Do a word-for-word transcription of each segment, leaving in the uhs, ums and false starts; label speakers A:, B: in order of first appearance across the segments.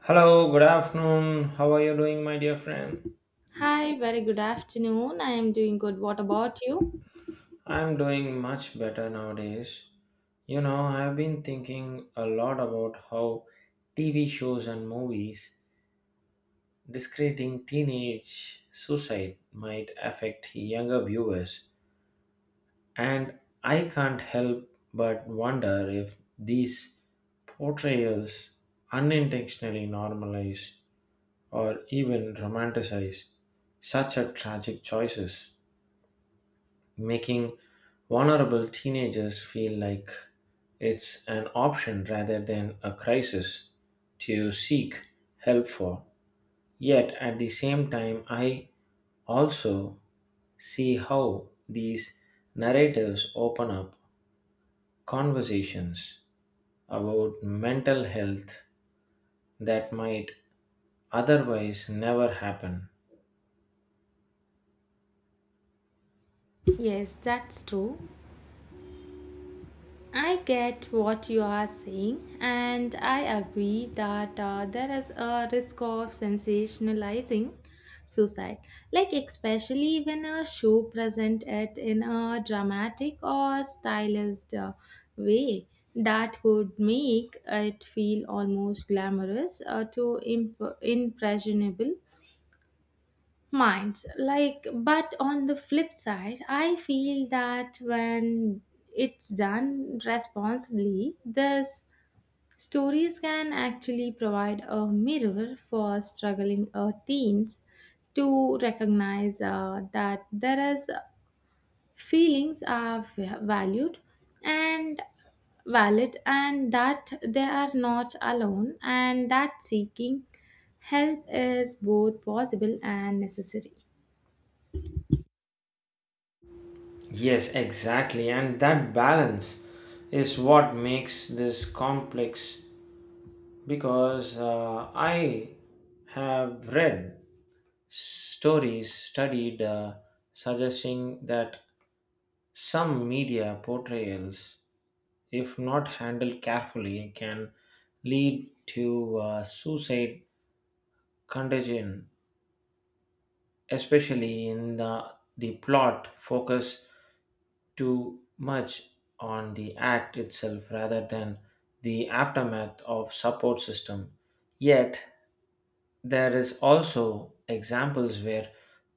A: Hello, good afternoon. How are you doing, my dear friend?
B: Hi, very good afternoon. I am doing good. What about you?
A: I'm doing much better nowadays. You know, I've been thinking a lot about how T V shows and movies discrediting teenage suicide might affect younger viewers, and I can't help but wonder if these portrayals unintentionally normalize or even romanticize such a tragic choices, making vulnerable teenagers feel like it's an option rather than a crisis to seek help for. Yet at the same time, I also see how these narratives open up conversations about mental health that might otherwise never happen.
B: Yes, that's true. I get what you are saying, and I agree that uh, there is a risk of sensationalizing suicide, like especially when a show present it in a dramatic or stylized uh, way that could make it feel almost glamorous uh, to imp- impressionable minds, like. But on the flip side, I feel that when it's done responsibly, these stories can actually provide a mirror for struggling uh, teens to recognize uh, that there is uh, feelings are v- valued and valid, and that they are not alone, and that seeking help is both possible and necessary.
A: Yes, exactly. And that balance is what makes this complex because uh, I have read stories studied uh, suggesting that some media portrayals, if not handled carefully, can lead to uh, suicide contagion, especially in the, the plot focus too much on the act itself rather than the aftermath of support system. Yet there is also examples where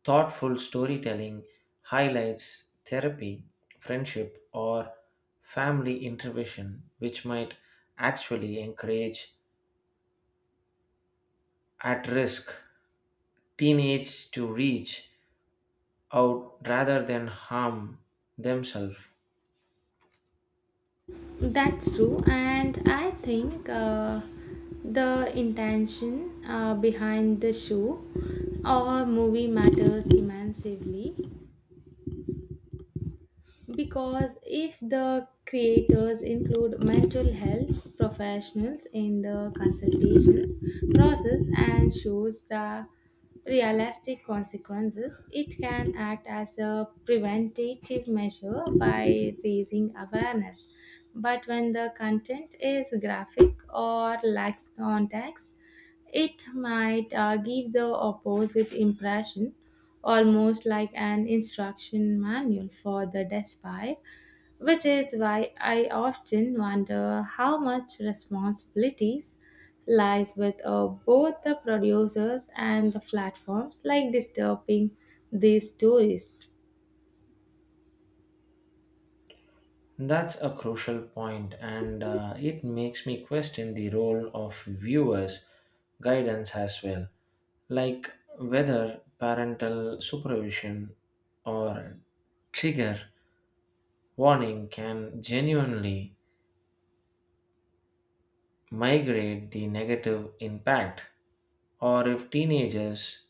A: thoughtful storytelling highlights therapy, friendship, or family intervention, which might actually encourage at-risk teenage to reach out rather than harm themselves.
B: That's true, and I think uh, the intention uh, behind the show or movie matters immensely, because if the creators include mental health professionals in the consultations process and shows the realistic consequences, it can act as a preventative measure by raising awareness. But when the content is graphic or lacks context, it might uh, give the opposite impression, almost like an instruction manual for the despot, which is why I often wonder how much responsibilities lies with uh, both the producers and the platforms like disturbing these stories.
A: That's a crucial point, and uh, it makes me question the role of viewers' guidance as well, like whether parental supervision or trigger warning can genuinely migrate the negative impact, or if teenagers,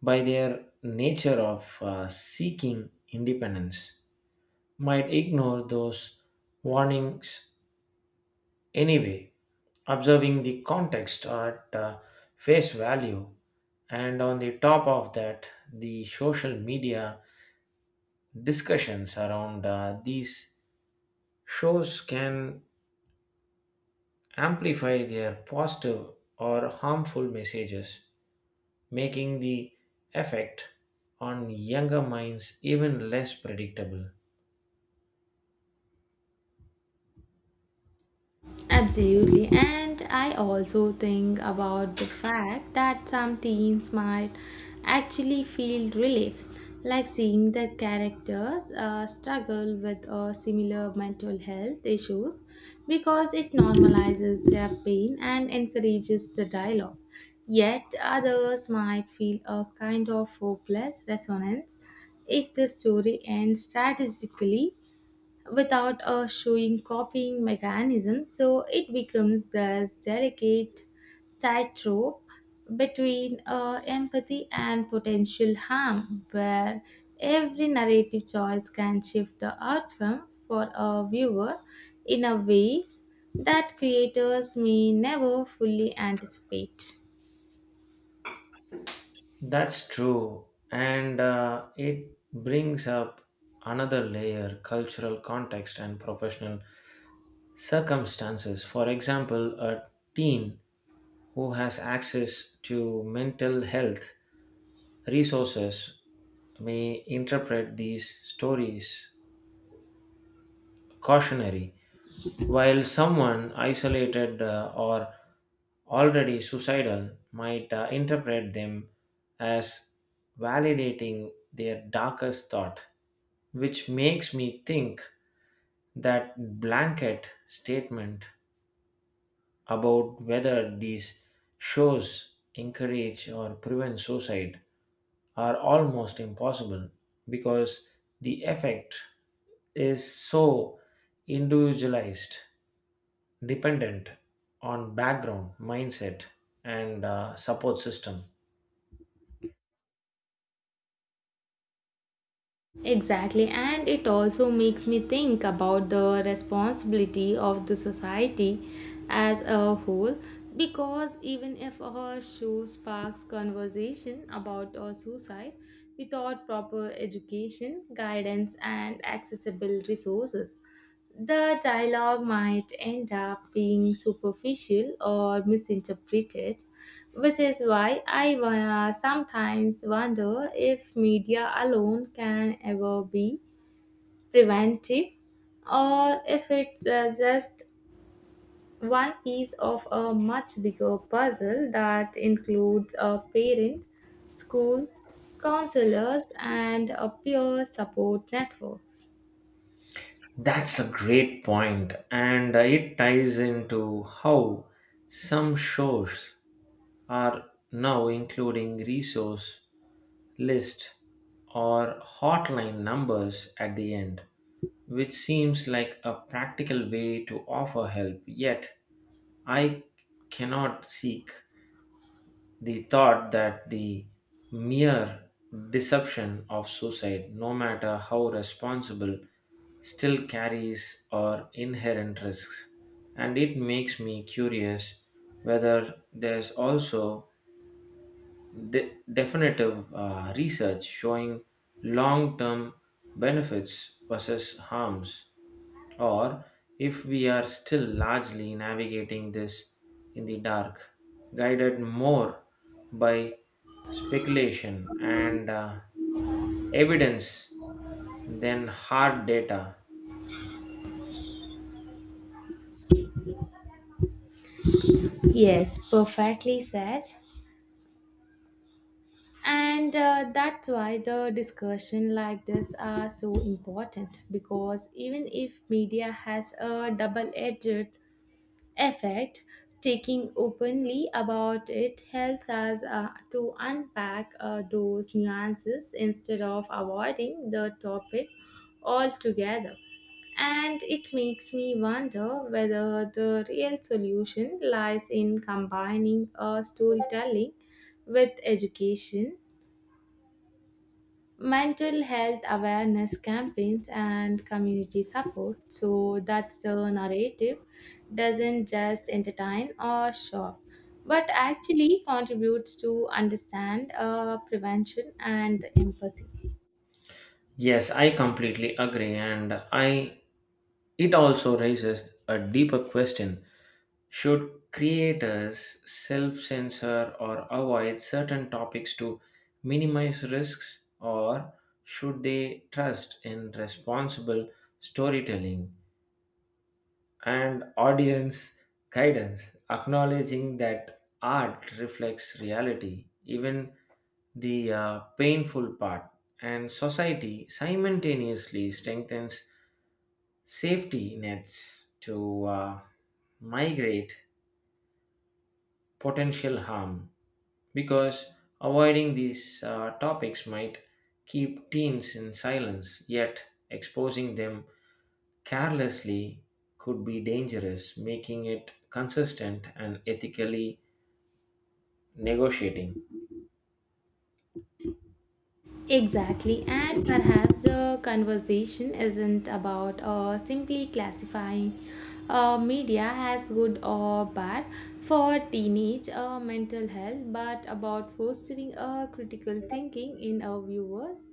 A: by their nature of uh, seeking independence, might ignore those warnings anyway, observing the context at uh, face value. And on the top of that, the social media discussions around uh, these shows can amplify their positive or harmful messages, making the effect on younger minds even less predictable.
B: Absolutely. And I also think about the fact that some teens might actually feel relief, like seeing the characters uh, struggle with uh, similar mental health issues, because it normalizes their pain and encourages the dialogue. Yet others might feel a kind of hopeless resonance if the story ends strategically without a showing copying mechanism. So it becomes this delicate tightrope between uh, empathy and potential harm, where every narrative choice can shift the outcome for a viewer in a ways that creators may never fully anticipate.
A: That's true, and uh, it brings up another layer cultural context and professional circumstances. For example, a teen who has access to mental health resources may interpret these stories cautionary, while someone isolated uh, or already suicidal might uh, interpret them as validating their darkest thought, which makes me think that blanket statement about whether these shows encourage or prevent suicide are almost impossible because the effect is so individualized dependent on background, mindset, and uh, support system.
B: Exactly, and it also makes me think about the responsibility of the society as a whole, because even if a show sparks conversation about a suicide without proper education, guidance, and accessible resources, the dialogue might end up being superficial or misinterpreted, which is why I uh, sometimes wonder if media alone can ever be preventive, or if it's uh, just one piece of a much bigger puzzle that includes uh, parents, schools, counselors, and uh, peer support networks.
A: That's a great point, and uh, it ties into how some shows are now including resource list or hotline numbers at the end, which seems like a practical way to offer help, yet I cannot seek the thought that the mere deception of suicide, no matter how responsible, still carries or inherent risks, and it makes me curious whether there's also de- definitive uh, research showing long-term benefits versus harms, or if we are still largely navigating this in the dark, guided more by speculation and uh, evidence than hard data.
B: Yes, perfectly said. And uh, that's why the discussion like this are so important, because even if media has a double-edged effect, taking openly about it helps us uh, to unpack uh, those nuances instead of avoiding the topic altogether. And it makes me wonder whether the real solution lies in combining uh, storytelling with education, mental health awareness campaigns, and community support, so that the narrative doesn't just entertain or shock but actually contributes to understand uh, prevention and empathy.
A: Yes, I completely agree, and I it also raises a deeper question. Should creators self censor or avoid certain topics to minimize risks, or should they trust in responsible storytelling and audience guidance, acknowledging that art reflects reality, even the uh, painful part, and society simultaneously strengthens safety nets to uh, migrate potential harm? Because avoiding these uh, topics might keep teens in silence, yet exposing them carelessly could be dangerous, making it consistent and ethically negotiating.
B: Exactly, and perhaps the conversation isn't about uh, simply classifying uh, media as good or bad for teenage uh, mental health, but about fostering uh, critical thinking in our viewers,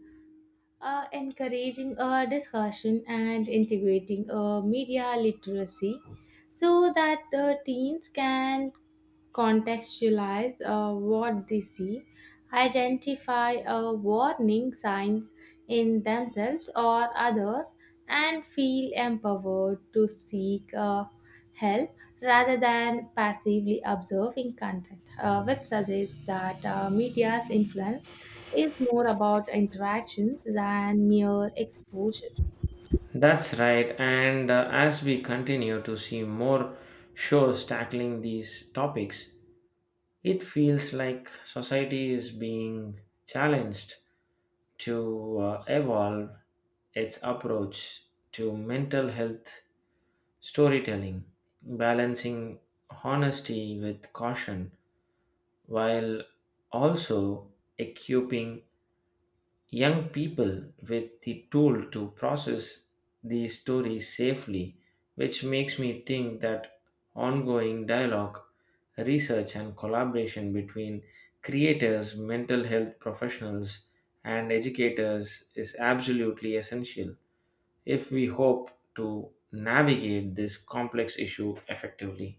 B: uh, encouraging uh, discussion, and integrating uh, media literacy so that the teens can contextualize uh, what they see, identify uh, warning signs in themselves or others, and feel empowered to seek uh, help rather than passively observing content, uh, which suggests that uh, media's influence is more about interactions than mere exposure.
A: That's right, and uh, as we continue to see more shows tackling these topics, it feels like society is being challenged to uh, evolve its approach to mental health storytelling, balancing honesty with caution while also equipping young people with the tool to process these stories safely, which makes me think that ongoing dialogue, research, and collaboration between creators, mental health professionals, and educators is absolutely essential if we hope to navigate this complex issue effectively.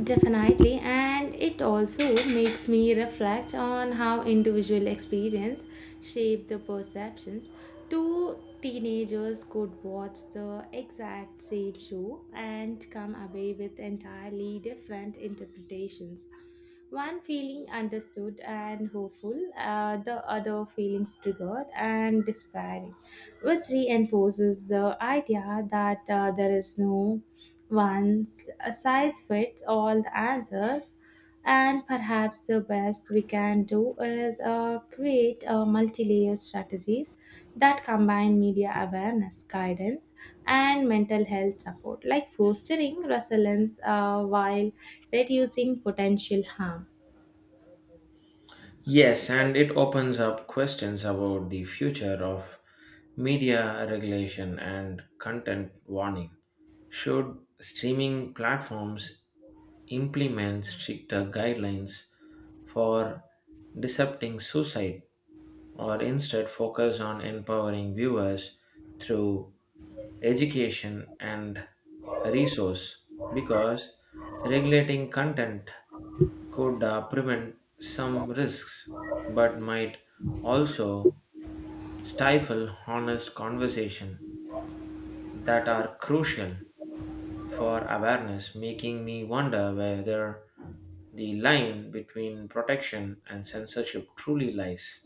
B: Definitely, and it also makes me reflect on how individual experience shape the perceptions. Two teenagers could watch the exact same show and come away with entirely different interpretations. One feeling understood and hopeful, uh, the other feelings triggered and despairing, which reinforces the idea that uh, there is no once a size fits all the answers, and perhaps the best we can do is uh, create uh, multi-layer strategies that combine media awareness, guidance, and mental health support, like fostering resilience uh, while reducing potential harm.
A: Yes, and it opens up questions about the future of media regulation and content warning. Should streaming platforms implement stricter guidelines for disrupting suicide, or instead focus on empowering viewers through education and resource, because regulating content could uh, prevent some risks but might also stifle honest conversation that are crucial for awareness, making me wonder whether the line between protection and censorship truly lies.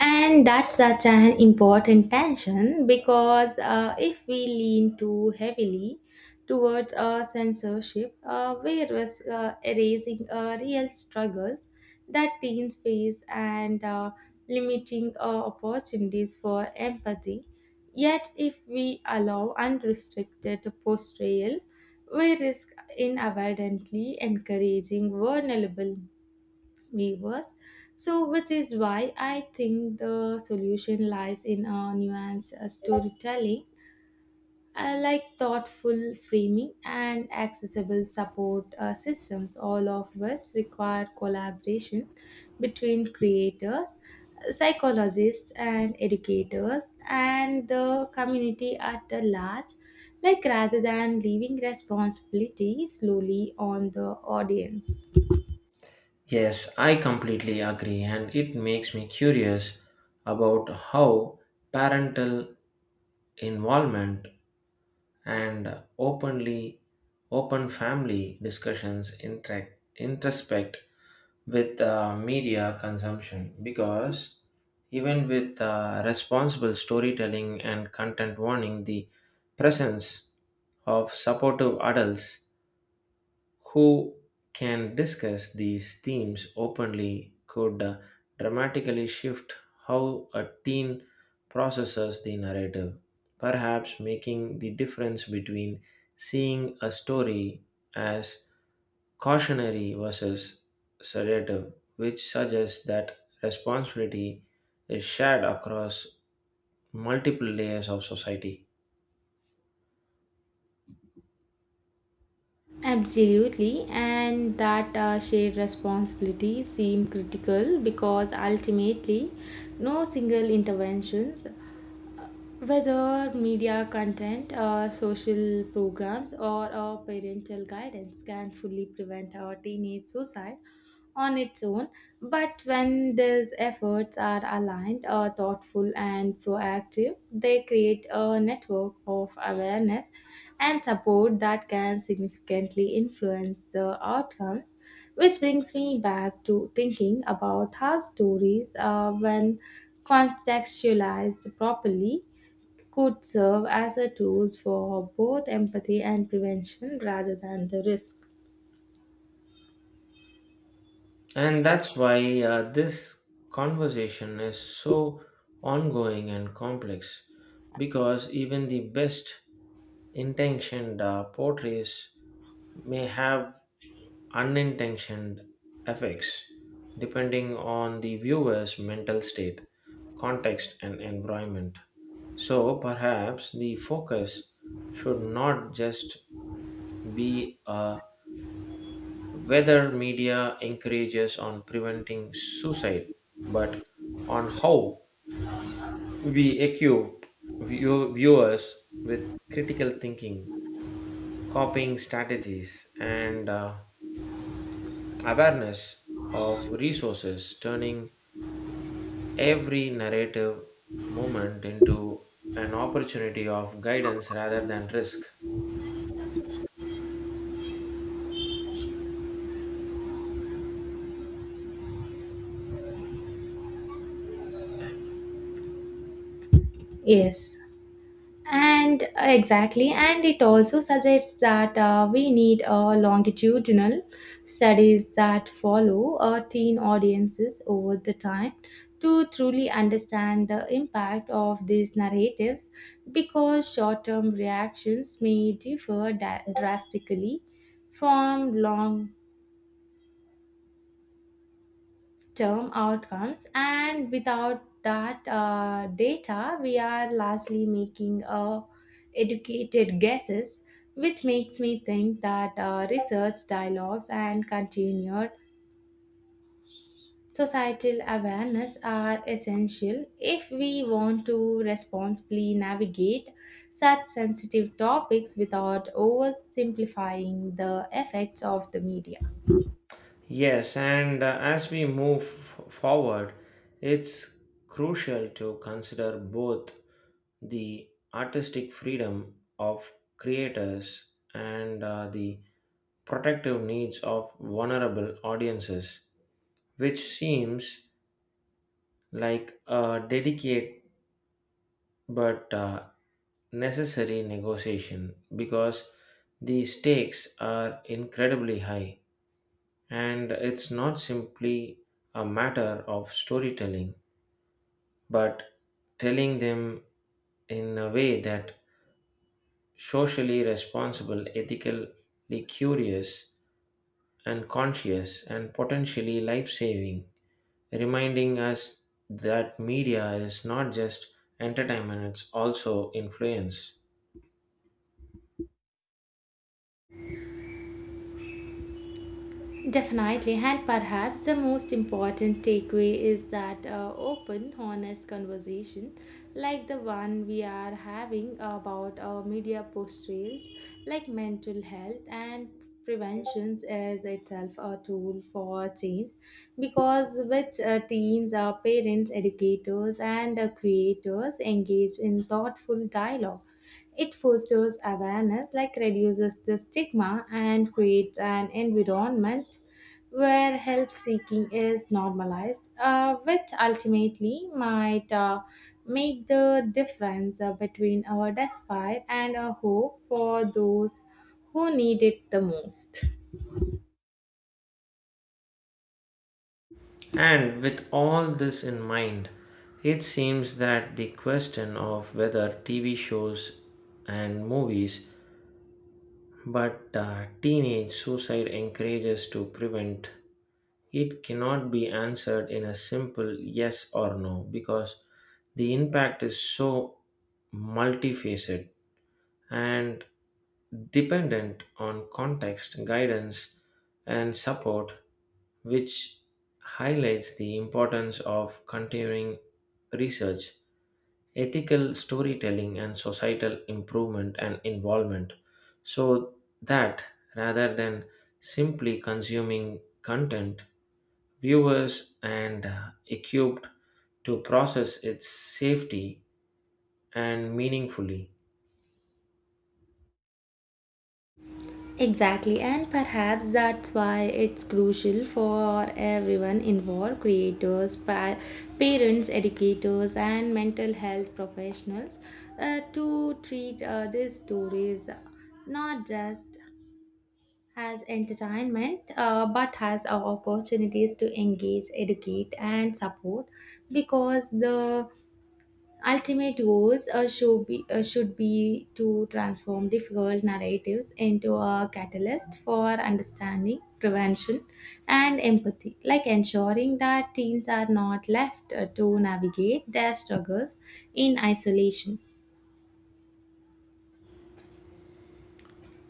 B: And that's such an important tension, because uh, if we lean too heavily towards uh, censorship, uh, we risk uh, erasing uh, real struggles that teens face and uh, limiting uh, opportunities for empathy. Yet, if we allow unrestricted portrayal, we risk inadvertently encouraging vulnerable viewers. So, which is why I think the solution lies in a nuanced uh, storytelling, uh, like thoughtful framing and accessible support uh, systems, all of which require collaboration between creators, psychologists, and educators, and the community at large. Like rather than leaving responsibility slowly on the audience.
A: Yes, I completely agree, and it makes me curious about how parental involvement and openly open family discussions interact introspect with uh, media consumption, because even with uh, responsible storytelling and content warning, the presence of supportive adults who can discuss these themes openly could uh, dramatically shift how a teen processes the narrative, perhaps making the difference between seeing a story as cautionary versus sedative, which suggests that responsibility is shared across multiple layers of society.
B: Absolutely, and that uh, shared responsibilities seem critical, because ultimately, no single interventions, whether media content, uh, social programs, or uh, parental guidance, can fully prevent our teenage suicide on its own, but when these efforts are aligned, uh, thoughtful, and proactive, they create a network of awareness and support that can significantly influence the outcome. Which brings me back to thinking about how stories, uh, when contextualized properly, could serve as a tools for both empathy and prevention rather than the risk.
A: And that's why uh, this conversation is so ongoing and complex because even the best intentioned uh, portrays may have unintentioned effects depending on the viewer's mental state, context, and environment. So perhaps the focus should not just be a whether media encourages on preventing suicide, but on how we equip view- viewers with critical thinking, coping strategies, and uh, awareness of resources, turning every narrative moment into an opportunity of guidance rather than risk.
B: Yes. And uh, exactly, and it also suggests that uh, we need uh, longitudinal studies that follow uh, teen audiences over the time to truly understand the impact of these narratives, because short term reactions may differ da- drastically from long term outcomes, and without that uh, data we are largely making uh, educated guesses, which makes me think that uh, research dialogues and continued societal awareness are essential if we want to responsibly navigate such sensitive topics without oversimplifying the effects of the media.
A: Yes, and uh, as we move f- forward, it's crucial to consider both the artistic freedom of creators and uh, the protective needs of vulnerable audiences, which seems like a delicate but uh, necessary negotiation because the stakes are incredibly high and it's not simply a matter of storytelling but telling them in a way that socially responsible, ethically curious and conscious, and potentially life saving, reminding us that media is not just entertainment, it's also influence.
B: Definitely, and perhaps the most important takeaway is that uh, open, honest conversation, like the one we are having about our media portrayals, like mental health and preventions, is itself a tool for change, because which uh, teens, our parents, educators, and uh, creators engage in thoughtful dialogue. It fosters awareness, like reduces the stigma, and creates an environment where help seeking is normalized, uh, which ultimately might uh, make the difference uh, between our despair and our hope for those who need it the most.
A: And with all this in mind, it seems that the question of whether T V shows and movies but uh, teenage suicide encourages to prevent it cannot be answered in a simple yes or no, because the impact is so multifaceted and dependent on context, guidance, and support, which highlights the importance of continuing research, ethical storytelling, and societal improvement and involvement. So that rather than simply consuming content, viewers and equipped to process its safety and meaningfully.
B: Exactly, and perhaps that's why it's crucial for everyone involved, creators, pa- parents, educators, and mental health professionals, uh, to treat uh, these stories not just as entertainment uh, but as opportunities to engage, educate, and support, because the ultimate goals uh, should, be, uh, should be to transform difficult narratives into a catalyst for understanding, prevention, and empathy, like ensuring that teens are not left uh, to navigate their struggles in isolation.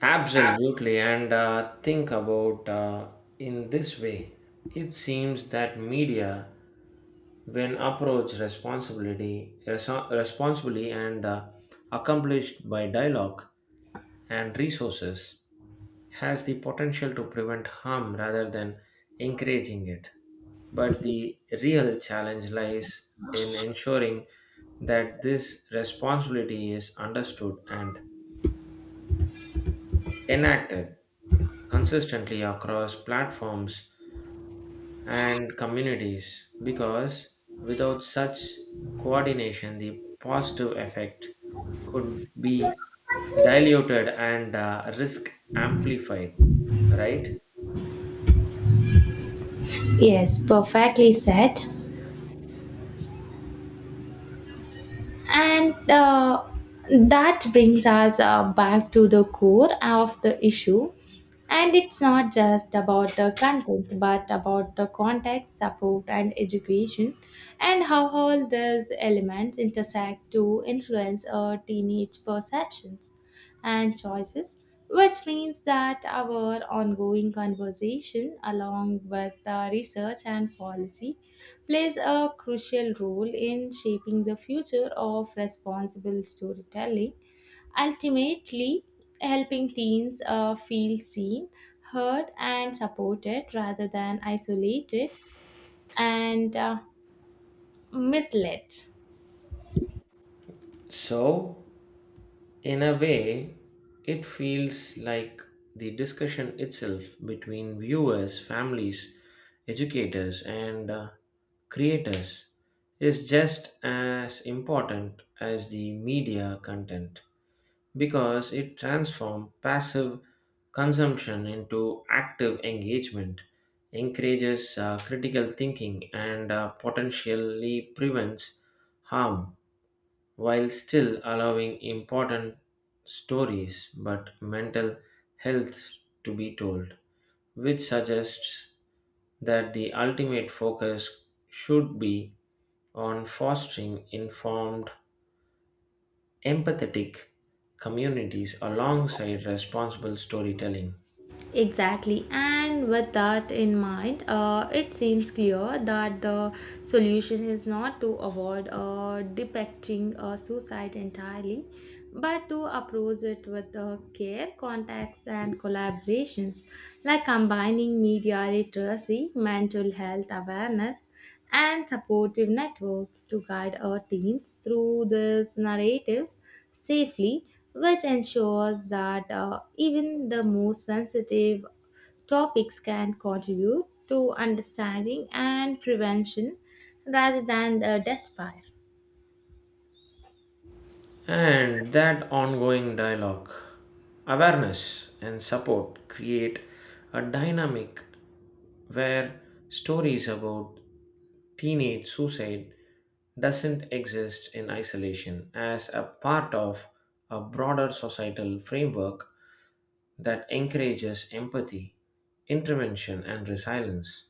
A: Absolutely, and uh, think about uh, in this way. It seems that media, when approached responsibility, reso- responsibly and uh, accomplished by dialogue and resources, has the potential to prevent harm rather than encouraging it. But the real challenge lies in ensuring that this responsibility is understood and enacted consistently across platforms and communities, because without such coordination, the positive effect could be diluted and uh, risk amplified, right?
B: Yes, perfectly said. And uh, that brings us uh, back to the core of the issue. And it's not just about the content, but about the context, support, and education, and how all these elements intersect to influence our teenage perceptions and choices, which means that our ongoing conversation, along with the research and policy, plays a crucial role in shaping the future of responsible storytelling, ultimately, helping teens uh, feel seen, heard, and supported rather than isolated and uh, misled.
A: So, in a way, it feels like the discussion itself between viewers, families, educators, and uh, creators is just as important as the media content, because it transforms passive consumption into active engagement, encourages uh, critical thinking, and uh, potentially prevents harm while still allowing important stories but mental health to be told, which suggests that the ultimate focus should be on fostering informed empathetic communities alongside responsible storytelling.
B: Exactly, and with that in mind, uh, it seems clear that the solution is not to avoid uh, depicting uh, suicide entirely, but to approach it with uh, care, context, and collaborations, like combining media literacy, mental health awareness, and supportive networks to guide our teens through these narratives safely, which ensures that uh, even the most sensitive topics can contribute to understanding and prevention rather than the despair.
A: And that ongoing dialogue, awareness, and support create a dynamic where stories about teenage suicide doesn't exist in isolation as a part of a broader societal framework that encourages empathy, intervention, and resilience,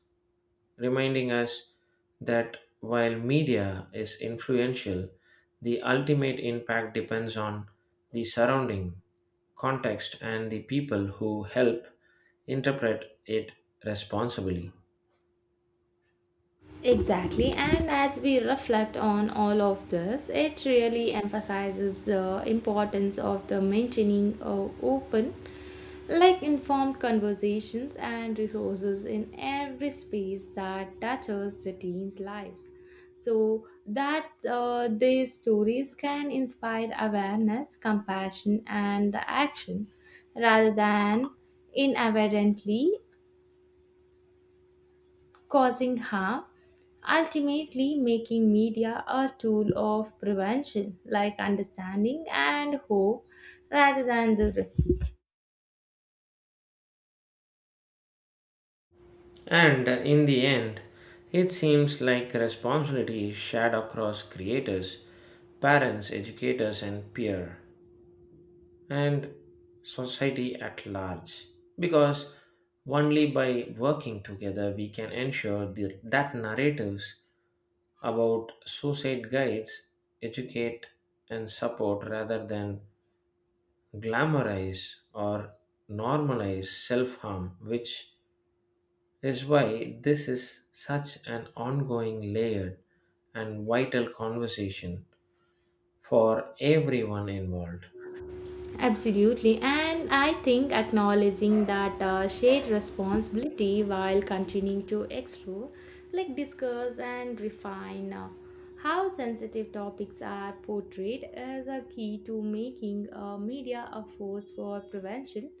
A: reminding us that while media is influential, the ultimate impact depends on the surrounding context and the people who help interpret it responsibly.
B: Exactly, and as we reflect on all of this, it really emphasizes the importance of the maintaining uh, open, like informed, conversations and resources in every space that touches the teens' lives, so that uh, these stories can inspire awareness, compassion, and the action rather than inadvertently causing harm, ultimately making media a tool of prevention, like understanding and hope rather than the risk.
A: And in the end, it seems like responsibility is shared across creators, parents, educators, and peer, and society at large, because only by working together we can ensure the, that narratives about suicide guides educate and support rather than glamorize or normalize self-harm, which is why this is such an ongoing layered and vital conversation for everyone involved.
B: Absolutely, and I think acknowledging that uh, shared responsibility while continuing to explore, like discuss and refine uh, how sensitive topics are portrayed, is a key to making uh, media a force for prevention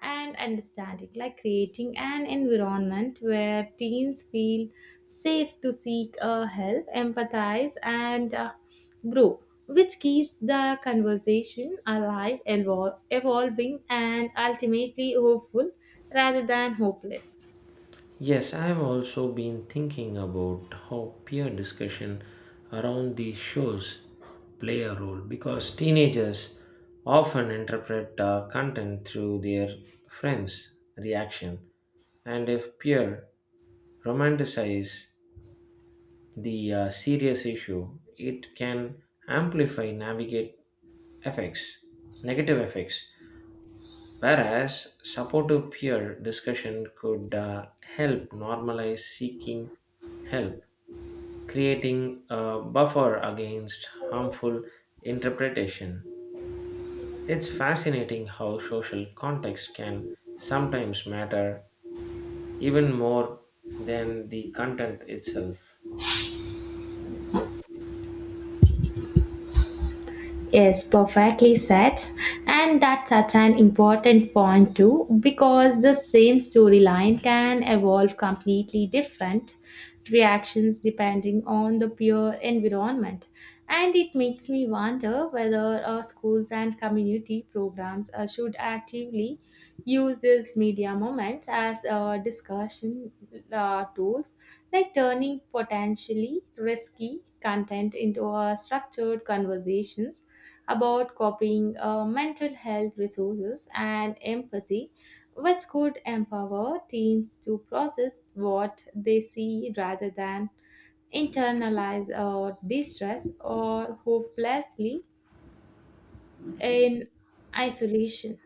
B: and understanding, like creating an environment where teens feel safe to seek uh, help, empathize, and uh, grow, which keeps the conversation alive, evol- evolving, and ultimately hopeful rather than hopeless.
A: Yes, I've also been thinking about how peer discussion around these shows play a role because teenagers often interpret uh, content through their friends' reaction, and if peer romanticize the uh, serious issue, it can amplify navigate effects, negative effects, whereas supportive peer discussion could uh, help normalize seeking help, creating a buffer against harmful interpretation. It's fascinating how social context can sometimes matter even more than the content itself.
B: Yes, perfectly said. And that's such an important point too, because the same storyline can evolve completely different reactions depending on the peer environment. And it makes me wonder whether uh, schools and community programs uh, should actively use this media moments as a automation uh, tools, like turning potentially risky content into a structured conversations about copying uh, mental health resources and empathy, which could empower teens to process what they see rather than internalize or distress or hopelessly in isolation.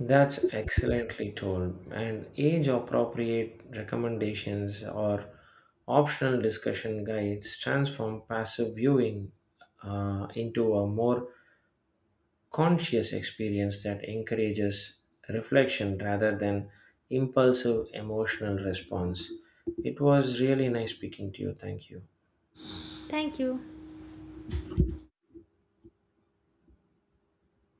A: That's excellently told, and age appropriate recommendations or optional discussion guides transform passive viewing uh, into a more conscious experience that encourages reflection rather than impulsive emotional response. It was really nice speaking to you. Thank you.
B: Thank you.